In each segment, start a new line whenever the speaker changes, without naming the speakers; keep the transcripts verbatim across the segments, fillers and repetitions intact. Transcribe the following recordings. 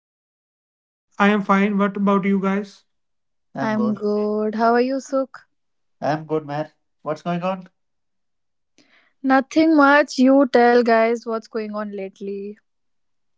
you, Arsh?
I am fine. What about you guys? I'm
I'm
good.
good. How are you, Sukh?
I'm good, man. What's going on?
Nothing much. You tell guys what's going on lately.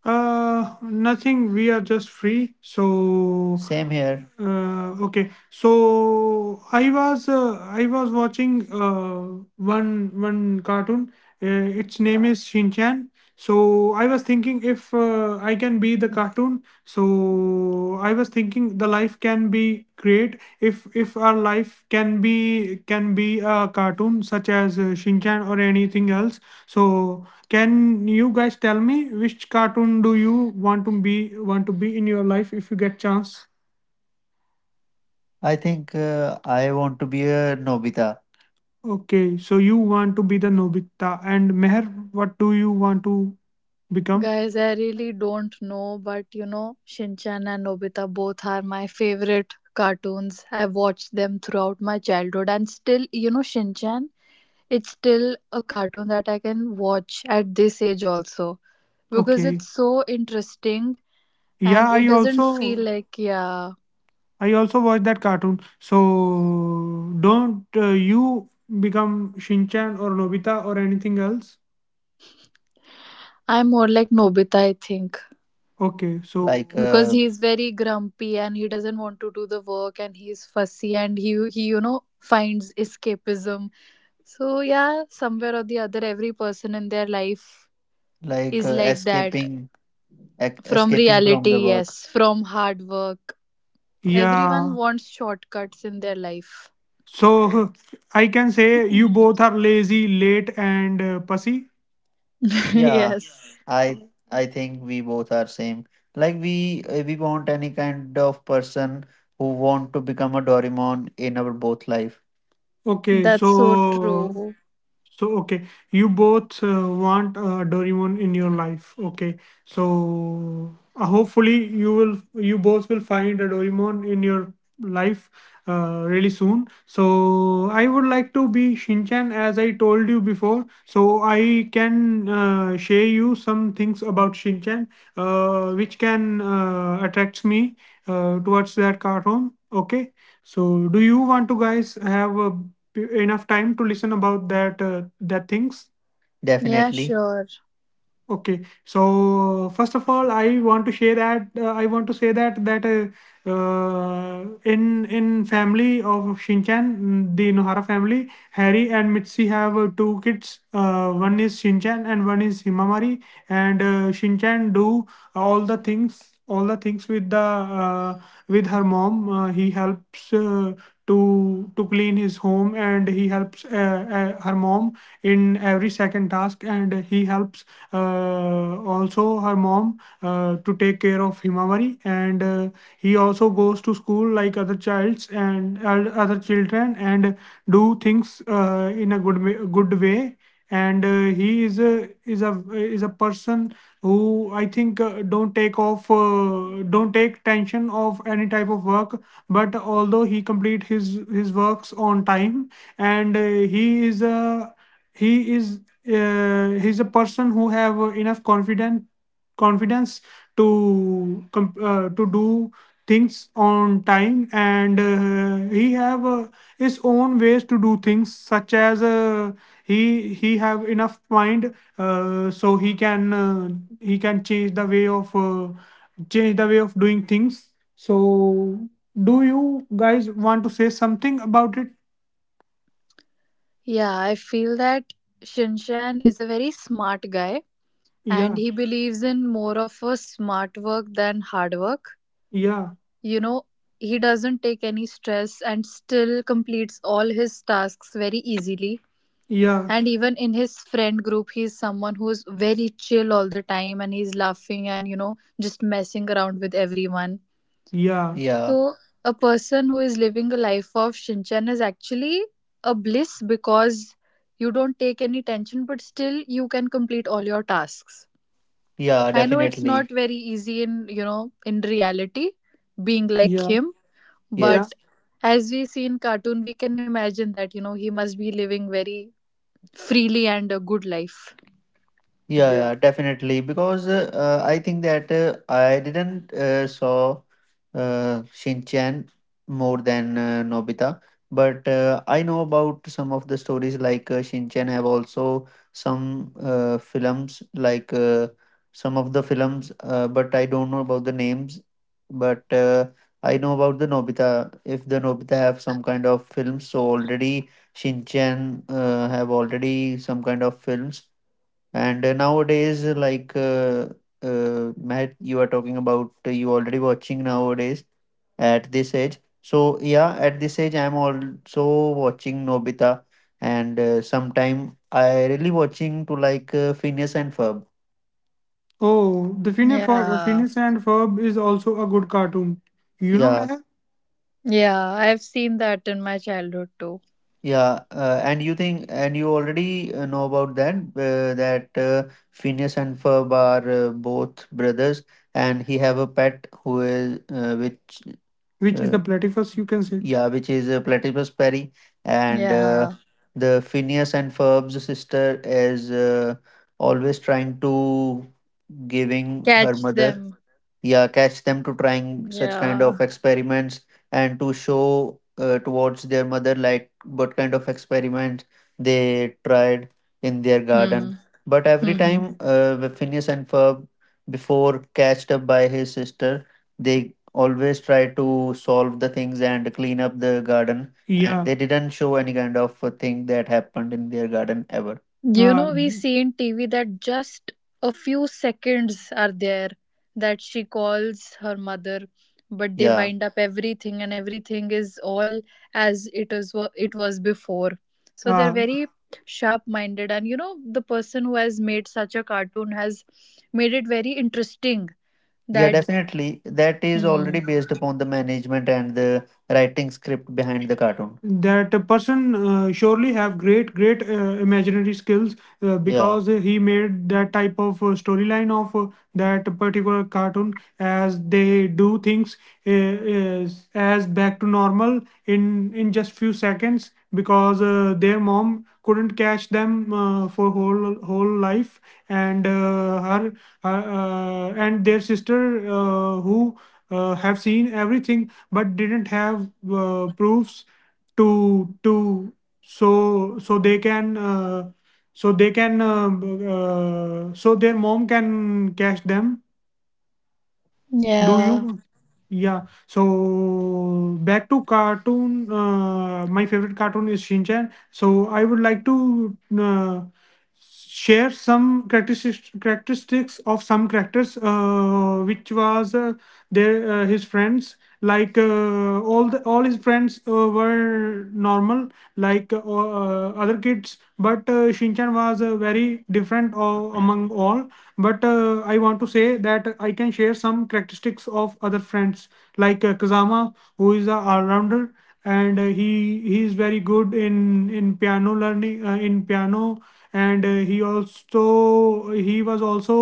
Uh, nothing. We are just free. So, same here. uh, okay. So I was uh, I was watching uh, one one cartoon. Uh, its name is Shinchan. So I was thinking if uh, I can be the cartoon. So I was thinking the life can be great if if our life can be can be a cartoon such as uh, Shinchan or anything else. So can you guys tell me which cartoon do you want to be want to be in your life if you get chance? I think uh, I want to be a Nobita. Okay, so you want to be the Nobita, and Meher, what do you want to become?
Guys, I really don't know, but you know, Shinchan and Nobita both are my favorite cartoons. I've watched them throughout my childhood, and still, you know, Shinchan, it's still a cartoon that I can watch at this age also because
Okay.
it's so interesting
Yeah,
and it
I
doesn't feel
also
like, yeah,
I also watch that cartoon. So don't uh, you become Shinchan or Nobita or anything else?
I'm more like Nobita, I think.
Okay, so like
Because
uh,
he's very grumpy and he doesn't want to do the work and he's fussy and he he you know finds escapism. So yeah, somewhere or the other, every person in their life
like
is
uh,
like that.
escaping ec-
From
escaping from the
reality, yes,
work.
from hard work, everyone
Yeah.
wants shortcuts in their life.
So I can say you both are lazy, late, and uh, pussy. Yeah,
Yes,
I I think we both are same. Like we uh, we want any kind of person who want to become a Doraemon in our both life. Okay.
that's so
So
true.
So, okay, you both uh, want uh, Doraemon in your life. Okay, so uh, hopefully you will, you both will find a Doraemon in your life uh, really soon. So, I would like to be Shinchan as I told you before. So, I can uh, share you some things about Shinchan, uh, which can uh, attract me uh, towards that cartoon. Okay, so do you want to guys have a enough time to listen about that uh, that things?
Yeah,
Definitely.
sure.
Okay, so first of all I want to share that uh, I want to say that that uh, uh, in in family of Shinchan, mm, the Nohara family, Harry and Mitsuki have uh, two kids, uh, one is Shinchan and one is Himamari, and uh, Shinchan do all the things all the things with the uh, with her mom. Uh, he helps uh, to to clean his home, and he helps uh, uh, her mom in every second task, and he helps uh, also her mom uh, to take care of Himawari, and uh, he also goes to school like other childs and uh, other children, and do things uh, in a good way, good way and uh, he is a is a is a person who I think uh, don't take off uh, don't take tension of any type of work, but although he complete his his works on time, and uh, he is a he is uh, he's a person who have enough confident confidence to com- uh, to do things on time, and uh, he have uh, his own ways to do things, such as uh, he he have enough mind uh, so he can uh, he can change the way of uh, change the way of doing things. So do you guys want to say something about it?
Yeah, I feel that Shinshan is a very smart guy and
Yeah,
he believes in more of a smart work than hard work.
yeah,
You know, he doesn't take any stress and still completes all his tasks very easily.
yeah,
And even in his friend group, he's someone who's very chill all the time and he's laughing and, you know, just messing around with everyone.
yeah, yeah,
So a person who is living a life of Shinchan is actually a bliss because you don't take any tension, but still you can complete all your tasks.
yeah,
I know it's
definitely.
not very easy in, you know, in reality being like
Yeah,
him,
yeah.
but
Yes.
as we see in cartoon, we can imagine that, you know, he must be living very freely and a good life.
Yeah, yeah, yeah, definitely. Because uh, uh, I think that uh, I didn't uh, saw uh, Shinchan more than uh, Nobita, but uh, I know about some of the stories, like uh, Shinchan have also some uh, films, like uh, some of the films, uh, but I don't know about the names. But uh, I know about the Nobita. If the Nobita have some kind of films, so already Shinchan uh, have already some kind of films, and uh, nowadays, uh, like uh, uh, Matt, you are talking about uh, you already watching nowadays at this age. So yeah, at this age, I'm also watching Nobita, and uh, sometime I really watching to like uh, Phineas and Ferb. Oh, the Phineas, Fe-
Yeah.
Phineas and Ferb is also a good cartoon. You know, yeah,
Yeah, I've seen that in my childhood too.
yeah, uh, and you think, and you already uh, know about that, uh, that uh, Phineas and Ferb are uh, both brothers, and he have a pet who is uh, which, which is uh, the platypus, you can say. Yeah, which is a platypus, Perry, and uh,
Yeah.
the Phineas and Ferb's sister is uh, always trying to giving her
Catch
mother,
them.
yeah, catch them to trying such kind
Yeah.
of experiments and to show uh, towards their mother like what kind of experiments they tried in their
Hmm.
garden, but every
hmm
time uh, the Phineas and Ferb, before catched up by his sister, they always try to solve the things and clean up the garden, and yeah, they didn't show any kind of uh, thing that happened in their garden ever.
You
Uh,
know, we see in T V that just a few seconds are there that she calls her mother, but they
yeah
wind up everything, and everything is all as it is wa- it was before. So they're
uh,
very sharp-minded, and you know, the person who has made such a cartoon has made it very interesting.
Yeah,
That
definitely. That is
Hmm.
already based upon the management and the writing script behind the cartoon, that a person uh, surely have great great uh, imaginary skills, uh, yeah, because he made that type of uh, storyline of uh, that particular cartoon, as they do things uh, is- as back to normal in in just few seconds, because uh, their mom couldn't catch them uh, for whole whole life, and uh, her uh, uh, and their sister uh, who uh, have seen everything, but didn't have uh, proofs to to so so they can uh, so they can uh, uh, so their mom can catch them. Do
Yeah,
you? Yeah. So back to cartoon. Uh, my favorite cartoon is Shinchan. So I would like to uh, share some characteristics characteristics of some characters, uh, which was uh, their uh, his friends, like uh, all the all his friends uh, were normal like uh, uh, other kids, but uh, Shinchan was uh, very different uh, among all. But uh, I want to say that I can share some characteristics of other friends, like uh, Kazama, who is a all-rounder, and uh, he he is very good in in piano, learning uh, in piano, and uh, he also he was also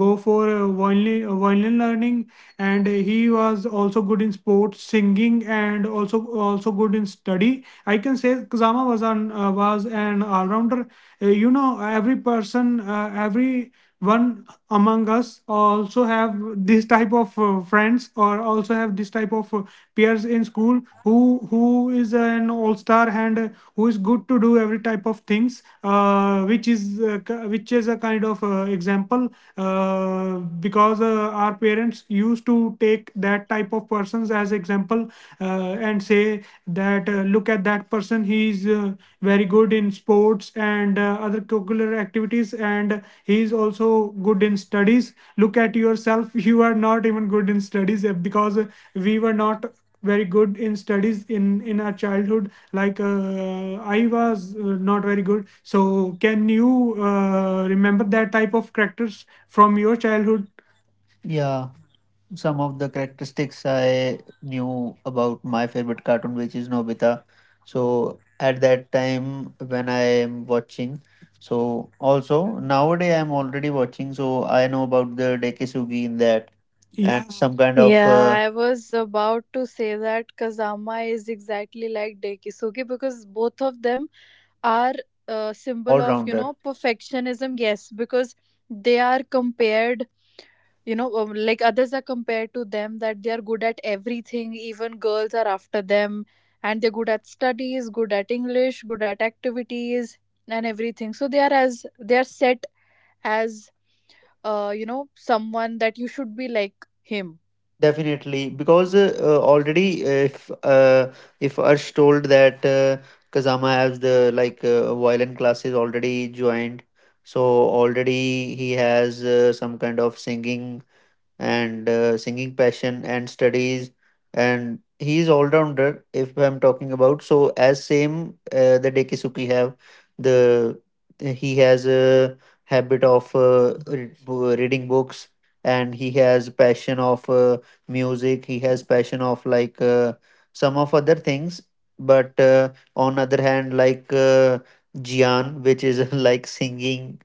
go for uh, violin, uh, violin learning, and he was also good in sports, singing, and also also good in study. I can say Kazama was an uh, was an all-rounder. Uh, you know, every person, uh, every one among us also have this type of uh, friends, or also have this type of uh, peers in school who who is an all-star and uh, who is good to do every type of things uh, which is uh, ki- which is a kind of uh, example, uh, because uh, our parents used to take that type of persons as example, uh, and say that uh, look at that person, he's uh, very good in sports and uh, other curricular activities, and he's also good in studies, look at yourself. You are not even good in studies, uh, because uh, we were not very good in studies in in our childhood, like uh, I was uh, not very good. So can you uh, remember that type of characters from your childhood? Yeah, some of the characteristics I knew about my favorite cartoon, which is Nobita. So at that time when I am watching, so also nowadays I'm already watching, so I know about the Dekisugi in that. Yeah, and yeah, some kind of
yeah,
uh,
I was about to say that Kazama is exactly like Dekisugi because both of them are a symbol of, you
all-rounder.
know, perfectionism. Yes, because they are compared, you know um, like others are compared to them, that they are good at everything. Even girls are after them and they're good at studies, good at English, good at activities and everything. So they are, as they are set as, uh you know, someone that you should be like him.
Definitely, because uh, uh, already uh, if uh, if Arsh told that uh, Kazama has the like uh, violin classes already joined, so already he has uh, some kind of singing and uh, singing passion and studies, and he is all rounder if I'm talking about, so as same uh, the Dekisuki have the, he has a habit of uh, re- reading books, and he has passion of uh, music, he has passion of like uh, some of other things, but uh, on other hand, like uh, Jian, which is like singing,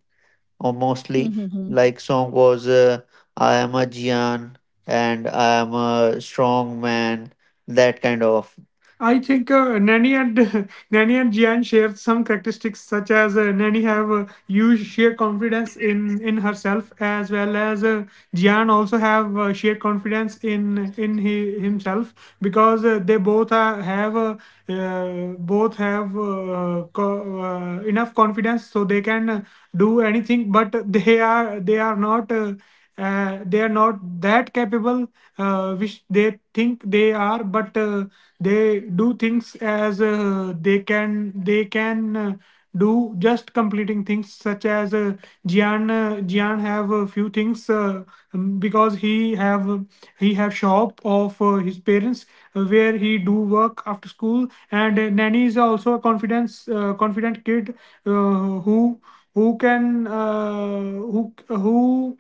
or mostly like song was uh, I am a gian and I am a strong man, that kind of. I think uh, Nanny and Nanny and Jian share some characteristics, such as uh, Nanny have uh, huge sheer confidence in in herself, as well as uh, Jian also have uh, sheer confidence in in he, himself, because uh, they both are, have uh, uh, both have uh, co- uh, enough confidence so they can uh, do anything. But they are they are not. Uh, uh, they are not that capable uh, which they think they are, but uh, they do things as uh, they can, they can uh, do, just completing things such as uh, Jian uh, Jian have a few things uh, um, because he have he have shop of uh, his parents uh, where he do work after school. And uh, Nanny is also a confidence uh, confident kid, uh, who who can, uh, who who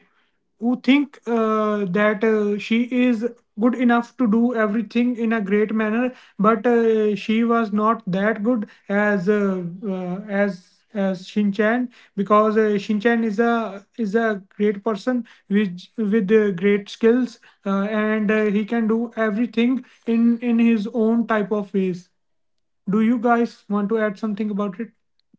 who think uh, that uh, she is good enough to do everything in a great manner, but uh, she was not that good as uh, uh, as as Shinchan, because uh, Shinchan is a is a great person with with uh, great skills, uh, and uh, he can do everything in in his own type of ways. Do you guys want to add something about it?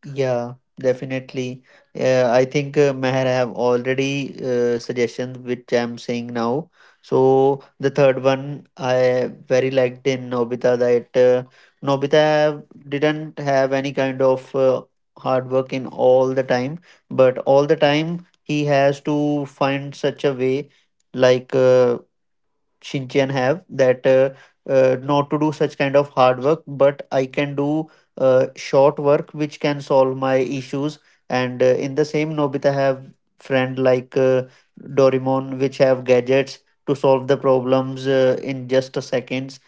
Yeah, definitely. Uh, I think uh, Meher have already uh, suggestions which I'm saying now. So the third one I very liked in Nobita, that uh, Nobita have, didn't have any kind of uh, hard work in all the time, but all the time he has to find such a way like. Uh, Shinchian have that uh, uh, not to do such kind of hard work, but I can do uh, short work which can solve my issues. And uh, in the same, Nobita have friend like uh, Doraemon, which have gadgets to solve the problems uh, in just a seconds.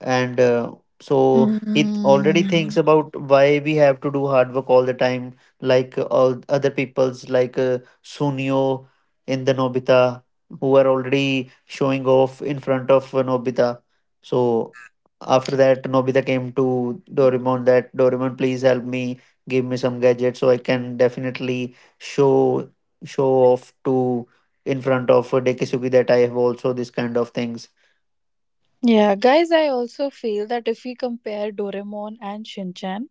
And uh, so
Hmm,
it already
hmm,
thinks
hmm.
about why we have to do hard work all the time, like uh, all other people's, like uh, Sunio in the Nobita, who are already showing off in front of uh, Nobita. So after that, Nobita came to Doraemon that, Doraemon, please help me, give me some gadgets so I can definitely show show off to in front of uh, Dekisugi that I have also this kind of things.
Yeah, guys, I also feel that if we compare Doraemon and Shinchan,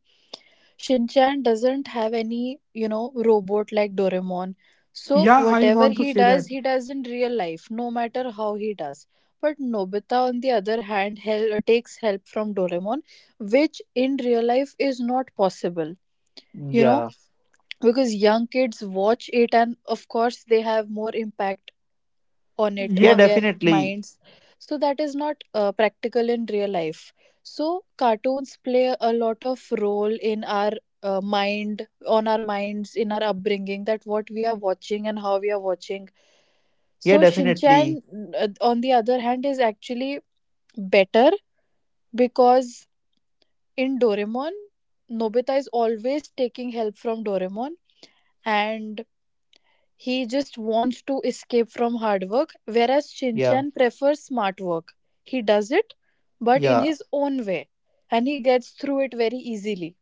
Shinchan doesn't have any, you know, robot like Doraemon. So
Yeah, I
whatever
want to
he
say
does,
that.
he does in real life, no matter how he does. But Nobita, on the other hand, hel- uh, takes help from Doraemon, which in real life is not possible. You know,
Yeah.
because young kids watch it, and of course, they have more impact on it,
Yeah, yeah.
on their
Definitely.
minds, so that is not uh, practical in real life. So cartoons play a lot of role in our uh, mind, on our minds, in our upbringing, that what we are watching and how we are watching.
Yeah,
So
definitely.
Shinchan, uh, on the other hand, is actually better because in Doraemon, Nobita is always taking help from Doraemon, and he just wants to escape from hard work, whereas
Yeah.
Shinchan prefers smart work. He does it, but in
Yeah.
his own way, and he gets through it very easily.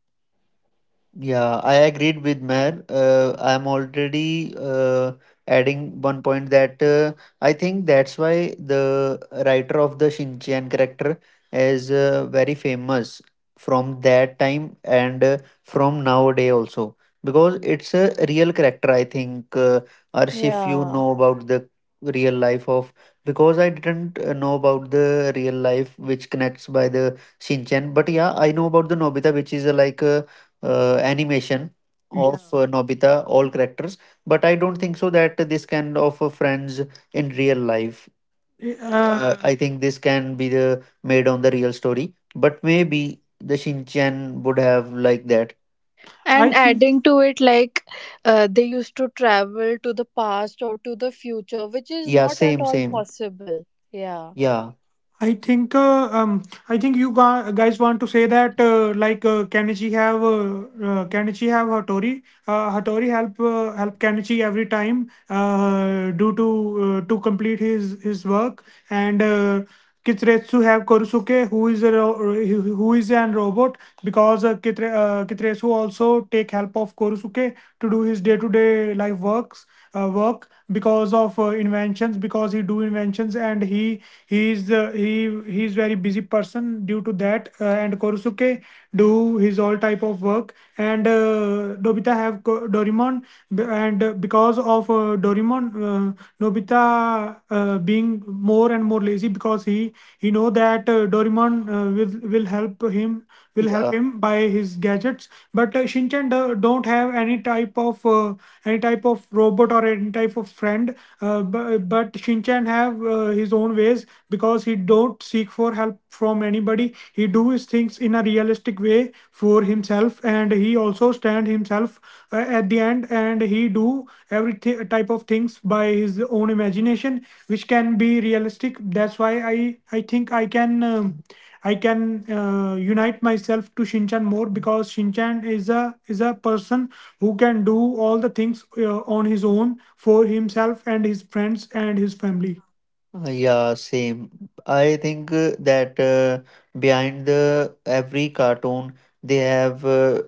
Yeah, I agreed with Mayor. Uh, I'm already uh, adding one point that uh, I think that's why the writer of the Shinchan character is uh, very famous from that time and uh, from nowadays also, because it's a real character. I think, uh, Arsh, if you
Yeah.
know about the real life of, because I didn't uh, know about the real life which connects by the Shinchan, but yeah, I know about the Nobita, which is uh, like. Uh, uh, animation. Yeah. Of uh, Nobita, all characters, but I don't think so that this kind of uh, friends in real life. Uh, Uh, I think this can be the made on the real story, but maybe the Shinchan would have like that. I
And
think.
adding to it, like, uh, they used to travel to the past or to the future, which is
Yeah,
not at
same,
all
same.
possible. Yeah.
Yeah. I think uh, um I think you ga- guys want to say that uh, like uh, Kenichi have uh, uh, Kenichi have Hattori, uh, Hattori help uh, help Kenichi every time uh, due to uh, to complete his his work. And uh, Kitretsu have Korusuke, who is a ro- who is an robot, because uh, Kitre, uh, Kitretsu also take help of Korusuke to do his day to day life works uh, work, because of uh, inventions, because he do inventions and he he is uh, he he is very busy person due to that. Uh, and Korusuke do his all type of work. And uh, Nobita have Ko- Doraemon, b- and uh, because of uh, Doraemon, uh, Nobita uh, being more more and more lazy, because he he know that uh, Doraemon uh, will will help him, will help yeah him by his gadgets. But uh, Shinchan do, don't have any type of uh, any type of robot or any type of friend. Uh, but, but Shinchan have uh, his own ways, because he don't seek for help from anybody. He do his things in a realistic way for himself, and he also stand himself uh, at the end, and he do every thi- type of things by his own imagination which can be realistic. That's why i i think i can um, i can uh, unite myself to Shinchan more, because Shinchan is a is a person who can do all the things uh, on his own for himself and his friends and his family. uh, Yeah, same. I think uh, that uh, behind the every cartoon they have uh,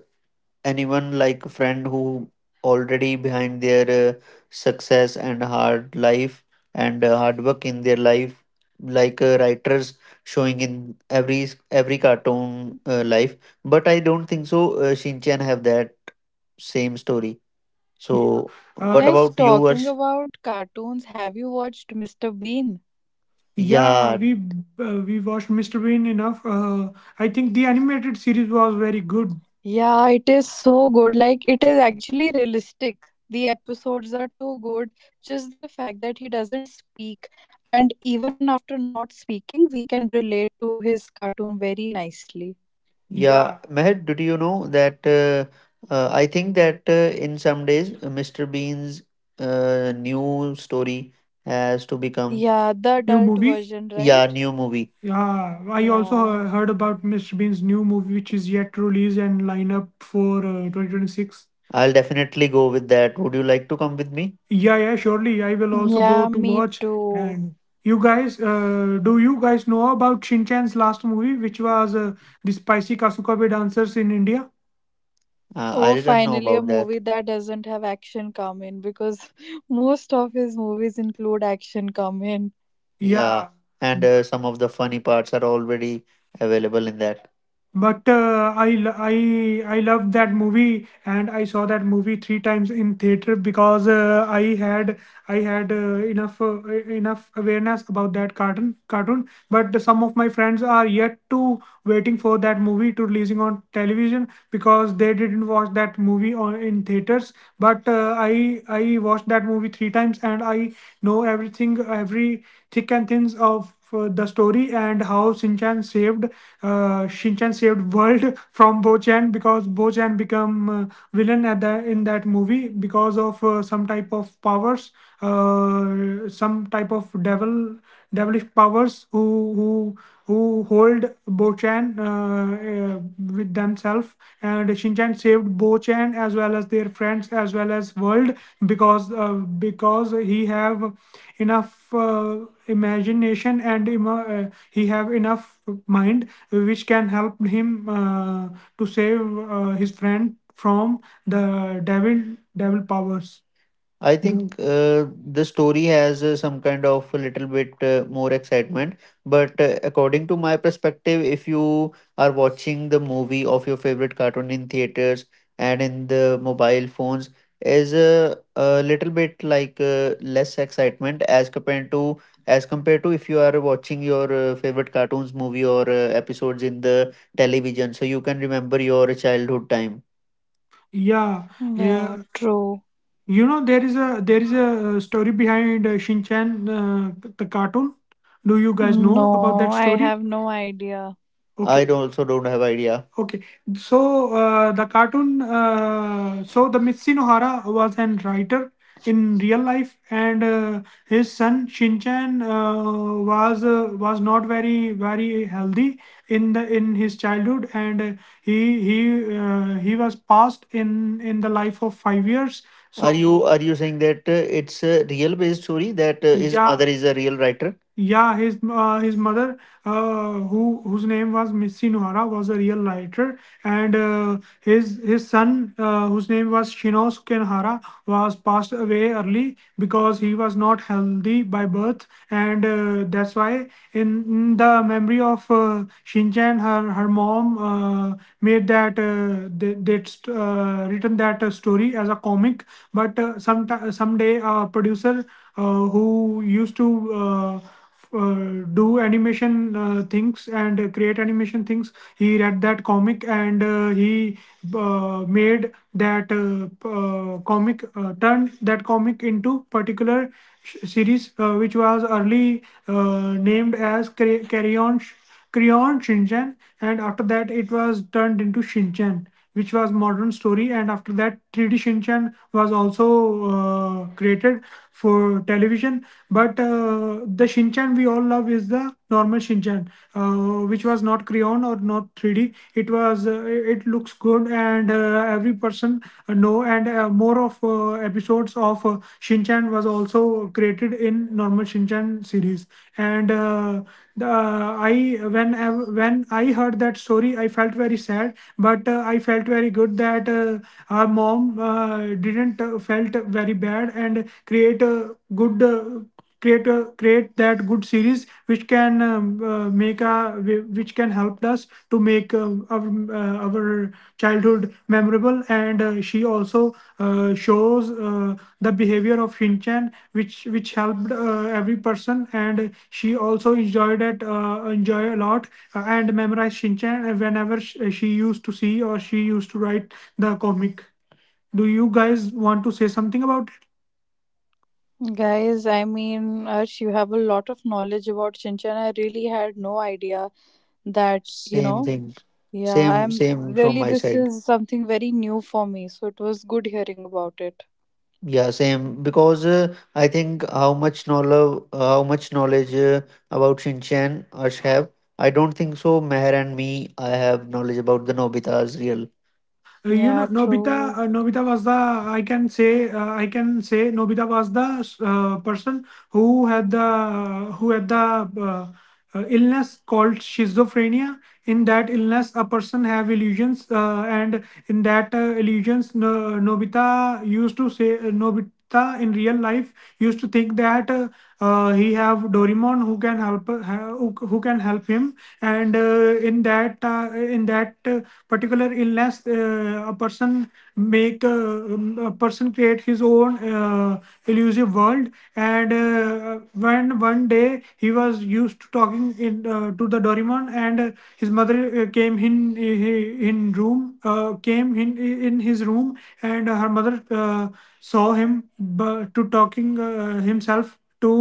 anyone like a friend who already behind their uh, success and hard life and uh, hard work in their life, like uh, writers showing in every every cartoon uh, life, but I don't think so uh, Shinchan have that same story. Yeah. So what. Uh,
Guys,
about you,
talking
Arsh?
about cartoons, have you watched mister Bean?
Yeah, Yeah, we uh, we watched Mister Bean enough. Uh, I think the animated series was very good.
Yeah, it is so good. Like, it is actually realistic. The episodes are too good. Just the fact that he doesn't speak, and even after not speaking, we can relate to his cartoon very nicely.
Yeah. Yeah. Meher, did you know that? Uh, uh, I think that uh, in some days, uh, Mister Bean's uh, new story has to become.
Yeah, the
New
adult
movie?
version,
Yeah,
right?
new movie. Yeah, I
Yeah.
also heard about Mister Bean's new movie, which is yet to release and lineup for uh, twenty twenty-six. I'll definitely go with that. Would you like to come with me? Yeah, yeah, surely. I will also go
Yeah,
to
me
watch.
too.
And you guys, uh, do you guys know about Shin Chan's last movie, which was uh, the Spicy Kasukabe Dancers in India? Uh, I
Oh,
didn't know
finally, a
about that.
movie that doesn't have action come in because most of his movies include action come in.
Yeah, yeah. And uh, some of the funny parts are already available in that, but uh, I lo- I I loved that movie and I saw that movie three times in theater, because uh, I had I had uh, enough uh, enough awareness about that cartoon cartoon. But some of my friends are yet to waiting for that movie to releasing on television, because they didn't watch that movie on in theaters. But uh, I I watched that movie three times and I know everything, every thick and thins of uh, the story, and how Shinchan saved uh, Shinchan saved world from Bochan, because Bochan become uh, villain at the in that movie because of uh, some type of powers, uh, some type of devil devilish powers who who who hold Bochan uh, uh, with themselves, and Shinchan saved Bochan as well as their friends as well as world, because uh, because he have enough uh, imagination and emo- uh, he have enough mind which can help him uh, to save uh, his friend from the devil devil powers. I think uh, the story has uh, some kind of a little bit uh, more excitement. But uh, according to my perspective, if you are watching the movie of your favorite cartoon in theaters and in the mobile phones, is a, a little bit like uh, less excitement as compared to as compared to if you are watching your uh, favorite cartoons movie or uh, episodes in the television, so you can remember your childhood time. Yeah,
Yeah,
yeah.
true.
You know, there is a there is a uh, story behind uh, Shinchan, uh, the cartoon. Do you guys know about
No,
that
I
story?
have no idea.
Okay. I. Okay. don't- also don't have idea. Okay, so uh, the cartoon, uh, so the Mitsunohara Nohara was an writer in real life, and uh, his son Shinchan uh, was uh, was not very very healthy in the in his childhood, and uh, he he uh, he was passed in in the life of five years. Are. So you are you saying that uh, it's a real based story that uh, his, yeah, mother is a real writer? Yeah, his uh, his mother uh, who whose name was Mitsunohara, was a real writer, and uh, his his son, uh, whose name was Shinosuke Nohara, was passed away early because he was not healthy by birth, and uh, that's why in, in the memory of uh, Shinchan, her her mom uh, made that uh, they they uh, written that uh, story as a comic, but uh, some someday a producer uh, who used to uh, uh, do animation uh, things, and uh, create animation things, he read that comic, and uh, he uh, made that uh, uh, comic uh, turned that comic into particular sh- series, uh, which was early uh, named as Carry On Crayon Shinchan, and after that it was turned into Shinchan, which was modern story, and after that three D Shinchan was also uh, created for television. But uh, the Shinchan we all love is the normal Shinchan, uh, which was not crayon or not three D. It was uh, it looks good, and uh, every person uh, No, and uh, more of uh, episodes of uh, Shinchan was also created in normal Shinchan series. And uh, the, I when I, when I heard that story, I felt very sad, but uh, I felt very good that uh, our mom uh, didn't uh, felt very bad and create a good uh, create a create that good series which can um, uh, make a which can help us to make uh, our, uh, our childhood memorable. And uh, she also uh, shows uh, the behavior of Shinchan which which helped uh, every person, and she also enjoyed it uh, enjoy a lot, uh, and memorized Shinchan uh, whenever sh- she used to see or she used to write the comic. Do you guys want to say something about.
Guys, I mean, Arsh, you have a lot of knowledge about Shinchan. I really had no idea that, you
Same
know,
thing.
yeah,
Same,
I'm
same from
really,
my
this
side.
is something very new for me. So it was good hearing about it.
Yeah, same. Because uh, I think how much knowledge, how much knowledge uh, about Shinchan Ash have. I don't think so. Meher and me, I have knowledge about the Nobita's real. Uh, You
Yeah,
know, Nobita.
true.
Uh, Nobita was the I can say uh, I can say Nobita was the uh, person who had the who had the uh, uh, illness called schizophrenia. In that illness, a person have illusions, uh, and in that uh, illusions, no, Nobita used to say uh, Nobita in real life used to think that uh, uh, he have Dorimon who can help ha- who who can help him, and uh, in that uh, in that uh, particular illness uh, a person make uh, um, a person create his own uh, illusive world. And uh, when one day he was used to talking in uh, to the Dorimon, and uh, his mother uh, came in, uh, in room uh, came in in his room, and her mother uh, saw him bu- to talking uh, himself to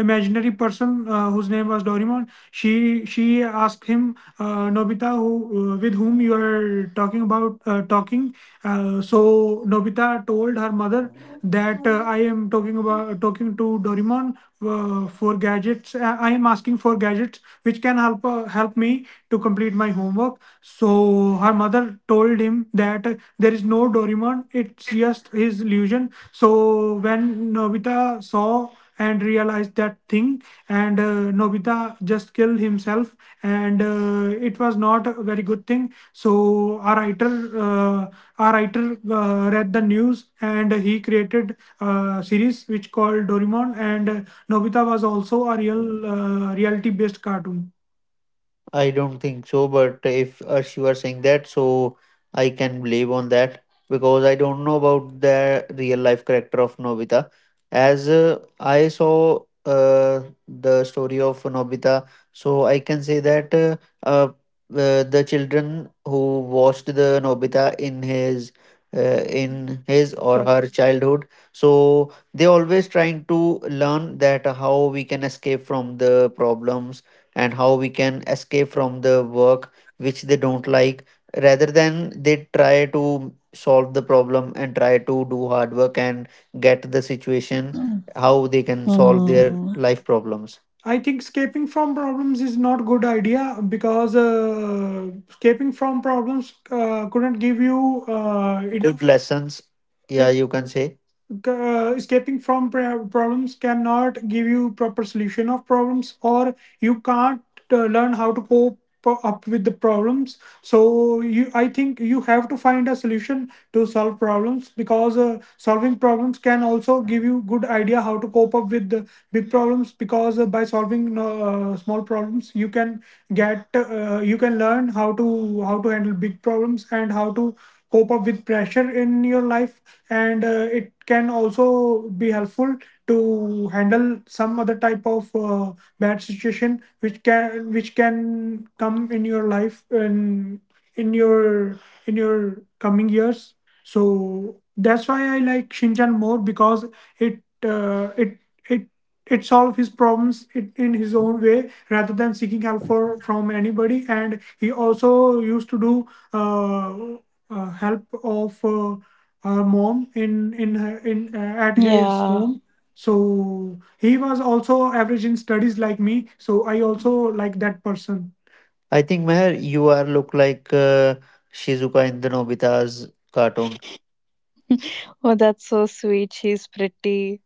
imaginary person uh, whose name was Doraemon. She she asked him, uh, "Nobita, who uh, with whom you are talking about uh, talking?" Uh, so Nobita told her mother that uh, "I am talking about talking to Doraemon uh, for gadgets. Uh, I am asking for gadgets which can help uh, help me to complete my homework." So her mother told him that uh, there is no Doraemon. It's just his illusion. So when Nobita saw and realized that thing, and uh, Nobita just killed himself. And uh, it was not a very good thing, so our writer uh, our writer uh, read the news, and he created a series which called Doraemon. And uh, Nobita was also a real, uh, reality based cartoon. I don't think so, but if Arsh, you are saying that, so I can believe on that, because I don't know about the real life character of Nobita. As uh, I saw uh, the story of Nobita, so I can say that uh, uh, uh, the children who watched the Nobita in his, uh, in his or her childhood, so they always trying to learn that how we can escape from the problems and how we can escape from the work which they don't like, rather than they try to solve the problem and try to do hard work and get the situation how they can solve their
Hmm.
life problems. I think escaping from problems is not good idea, because uh, escaping from problems uh, couldn't give you uh, good enough lessons. Yeah, you can say uh, escaping from pra- problems cannot give you proper solution of problems, or you can't uh, learn how to cope up with the problems. So you, I think you have to find a solution to solve problems, because uh, solving problems can also give you good idea how to cope up with the big problems, because uh, by solving uh, small problems, you can get uh, you can learn how to how to handle big problems and how to cope up with pressure in your life. And uh, it can also be helpful to handle some other type of uh, bad situation which can, which can come in your life in, in your in your coming years. So that's why I like Shinchan more, because it uh, it it it solves his problems in, in his own way, rather than seeking help for from anybody. And he also used to do uh, uh, help of uh, our mom in in her- in uh, at his
Yeah.
home, so he was also average in studies like me. So I also like that person. I think Meher, you are look like uh, Shizuka in the Nobita's cartoon.
Oh, that's so sweet. She's pretty.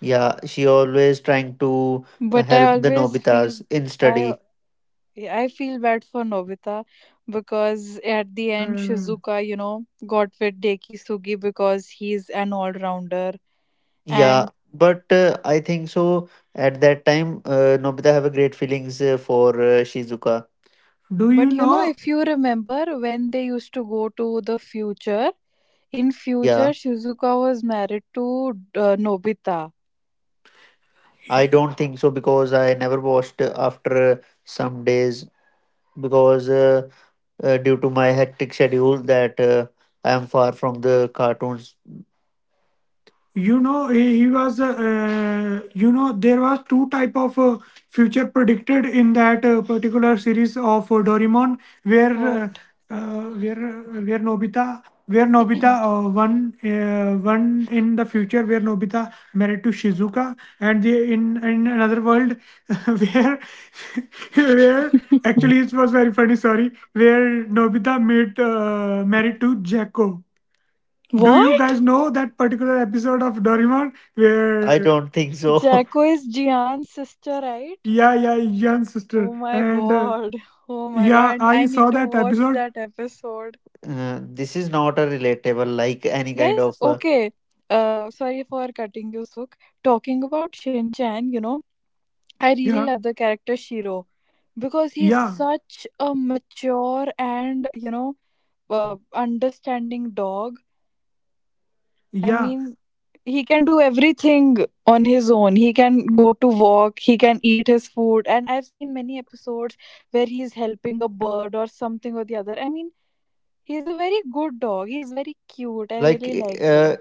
Yeah, she always trying to uh,
But I
help the
always feel
Nobitas in
I
study.
I feel bad for Nobita because at the end
Uh,
Shizuka, you know, got with Deki Sugi because he's an all-rounder
Yeah,
and,
but uh, I think so. At that time, uh, Nobita have a great feelings uh, for uh, Shizuka. Do you
but you know,
know?
if you remember when they used to go to the future, in future
Yeah,
Shizuka was married to uh, Nobita.
I don't think so, because I never watched uh, after uh, some days, because uh, uh, due to my hectic schedule that uh, I am far from the cartoons. You know, he he was, uh, you know, there was two type of uh, future predicted in that uh, particular series of uh, Doraemon, where uh,
What?
uh, where uh, where Nobita, where nobita uh, one uh, one in the future where Nobita married to Shizuka, and the, in in another world where where, actually it was very funny, sorry, where Nobita met uh, married to Jacko. Do you
What?
guys know that particular episode of Doraemon? I where Don't think so.
Jacko is Jian's sister, right?
Yeah, yeah, young sister,
Oh my
and uh,
god. Oh my
yeah,
god.
I
I
saw
need to
that
watch
episode.
that episode.
Uh, this is not a relatable, like any kind
Guys,
of, uh,
okay. Uh sorry for cutting you, Suk. Talking about Shin Chan, you know, I really
yeah,
love the character Shiro because he's
yeah,
such a mature and, you know, uh, understanding dog. I
yeah,
mean, he can do everything on his own. He can go to walk, he can eat his food, and I've seen many episodes where he's helping a bird or something or the other. I mean, he's a very good dog. He's very cute. I
like
really like it.
uh,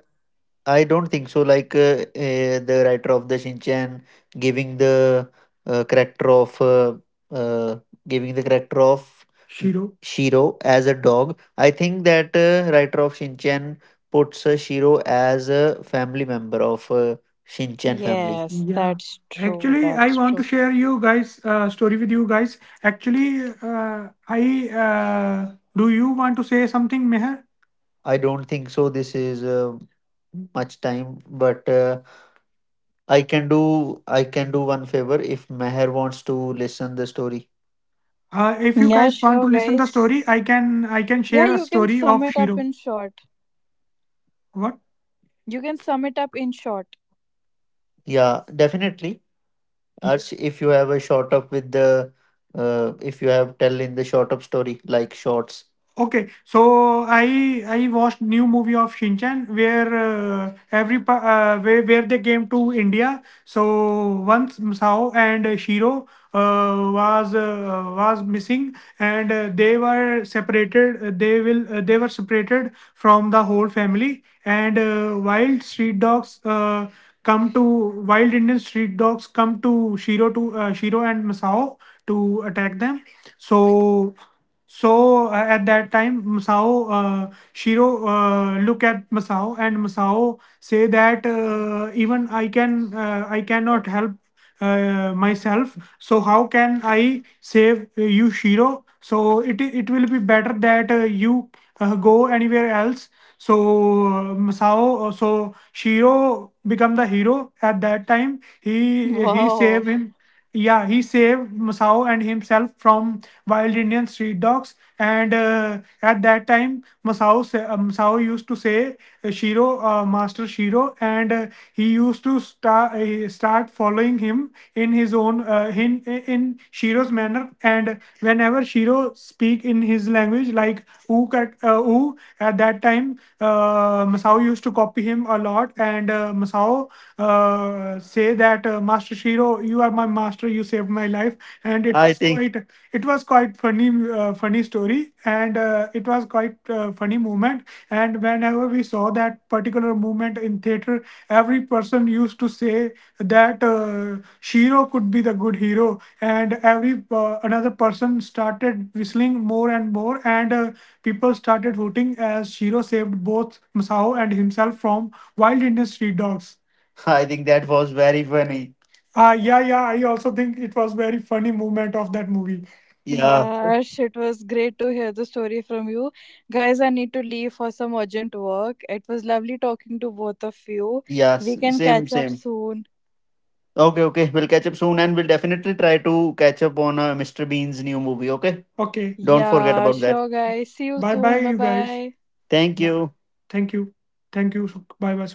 I don't think so. Like uh, uh, the writer of the Shinchan giving the uh, character of uh, uh, giving the character of Shiro, Shiro as a dog. I think that uh, writer of Shinchan puts uh, Shiro as a family member of uh, Shinchan family.
Yes,
Yeah.
that's true.
Actually, I
That's
want to
true.
share you guys, uh, story with you guys. Actually, uh, I uh, do you want to say something, Meher? I don't think so. This is uh, much time, but uh, I can do I can do one favor if Meher wants to listen the story. Uh, if you
Yeah,
guys
sure,
want to listen the
guys.
story, I can I can
Yeah,
share a
you can
story
sum
of
it up in
Shiro.
short.
What?
You can sum it up in short.
Yeah, definitely. Arsh, if you have a short up with the, uh, if you have tell in the short up story like shorts. Okay, so I I watched new movie of Shinchan, where uh, every pa- uh, where, where they came to India. So once Sao and Shiro uh, was uh, was missing, and uh, they were separated. Uh, They will uh, they were separated from the whole family. And uh, wild street dogs, Uh, come to wild Indian street dogs come to Shiro, to uh, Shiro and Masao, to attack them. So, so uh, at that time, Masao, uh, Shiro uh, look at Masao, and Masao say that, uh, "Even I can, uh, I cannot help uh, myself, so how can I save uh, you, Shiro? So it it will be better that uh, you uh, go anywhere else." So uh, Masao, uh, so Shiro become the hero at that time. he he
Wow.
save him. Yeah, he saved Masao and himself from wild Indian street dogs. And uh, at that time, Masao sa- uh, Masao used to say, uh, "Shiro, uh, Master Shiro," and uh, he used to start uh, start following him in his own uh, in in Shiro's manner. And whenever Shiro speak in his language, like "oo," cut- uh, "oo," at that time, uh, Masao used to copy him a lot, and uh, Masao uh, say that, uh, "Master Shiro, you are my master, you saved my life." And it, I was think quite, it was quite funny uh, funny story, and uh, it was quite uh, funny moment. And whenever we saw that particular moment in theater, every person used to say that uh, Shiro could be the good hero, and every uh, another person started whistling more and more, and uh, people started hooting as Shiro saved both Masao and himself from wild Indian street dogs. I think that was very funny. Uh, yeah, yeah, I also think it was very funny movement of that movie. Yeah.
Yeah, Arsh, it was great to hear the story from you. Guys, I need to leave for some urgent work. It was lovely talking to both of you.
Yeah. s-
We can
Same,
catch up
same.
soon.
Okay, okay. We'll catch up soon, and we'll definitely try to catch up on uh, Mister Bean's new movie. Okay. Okay, don't forget
Yeah,
about that.
sure, guys. See you
Bye bye,
soon. Bye
you guys.
bye.
Thank you. Thank you. Thank you. Bye bye.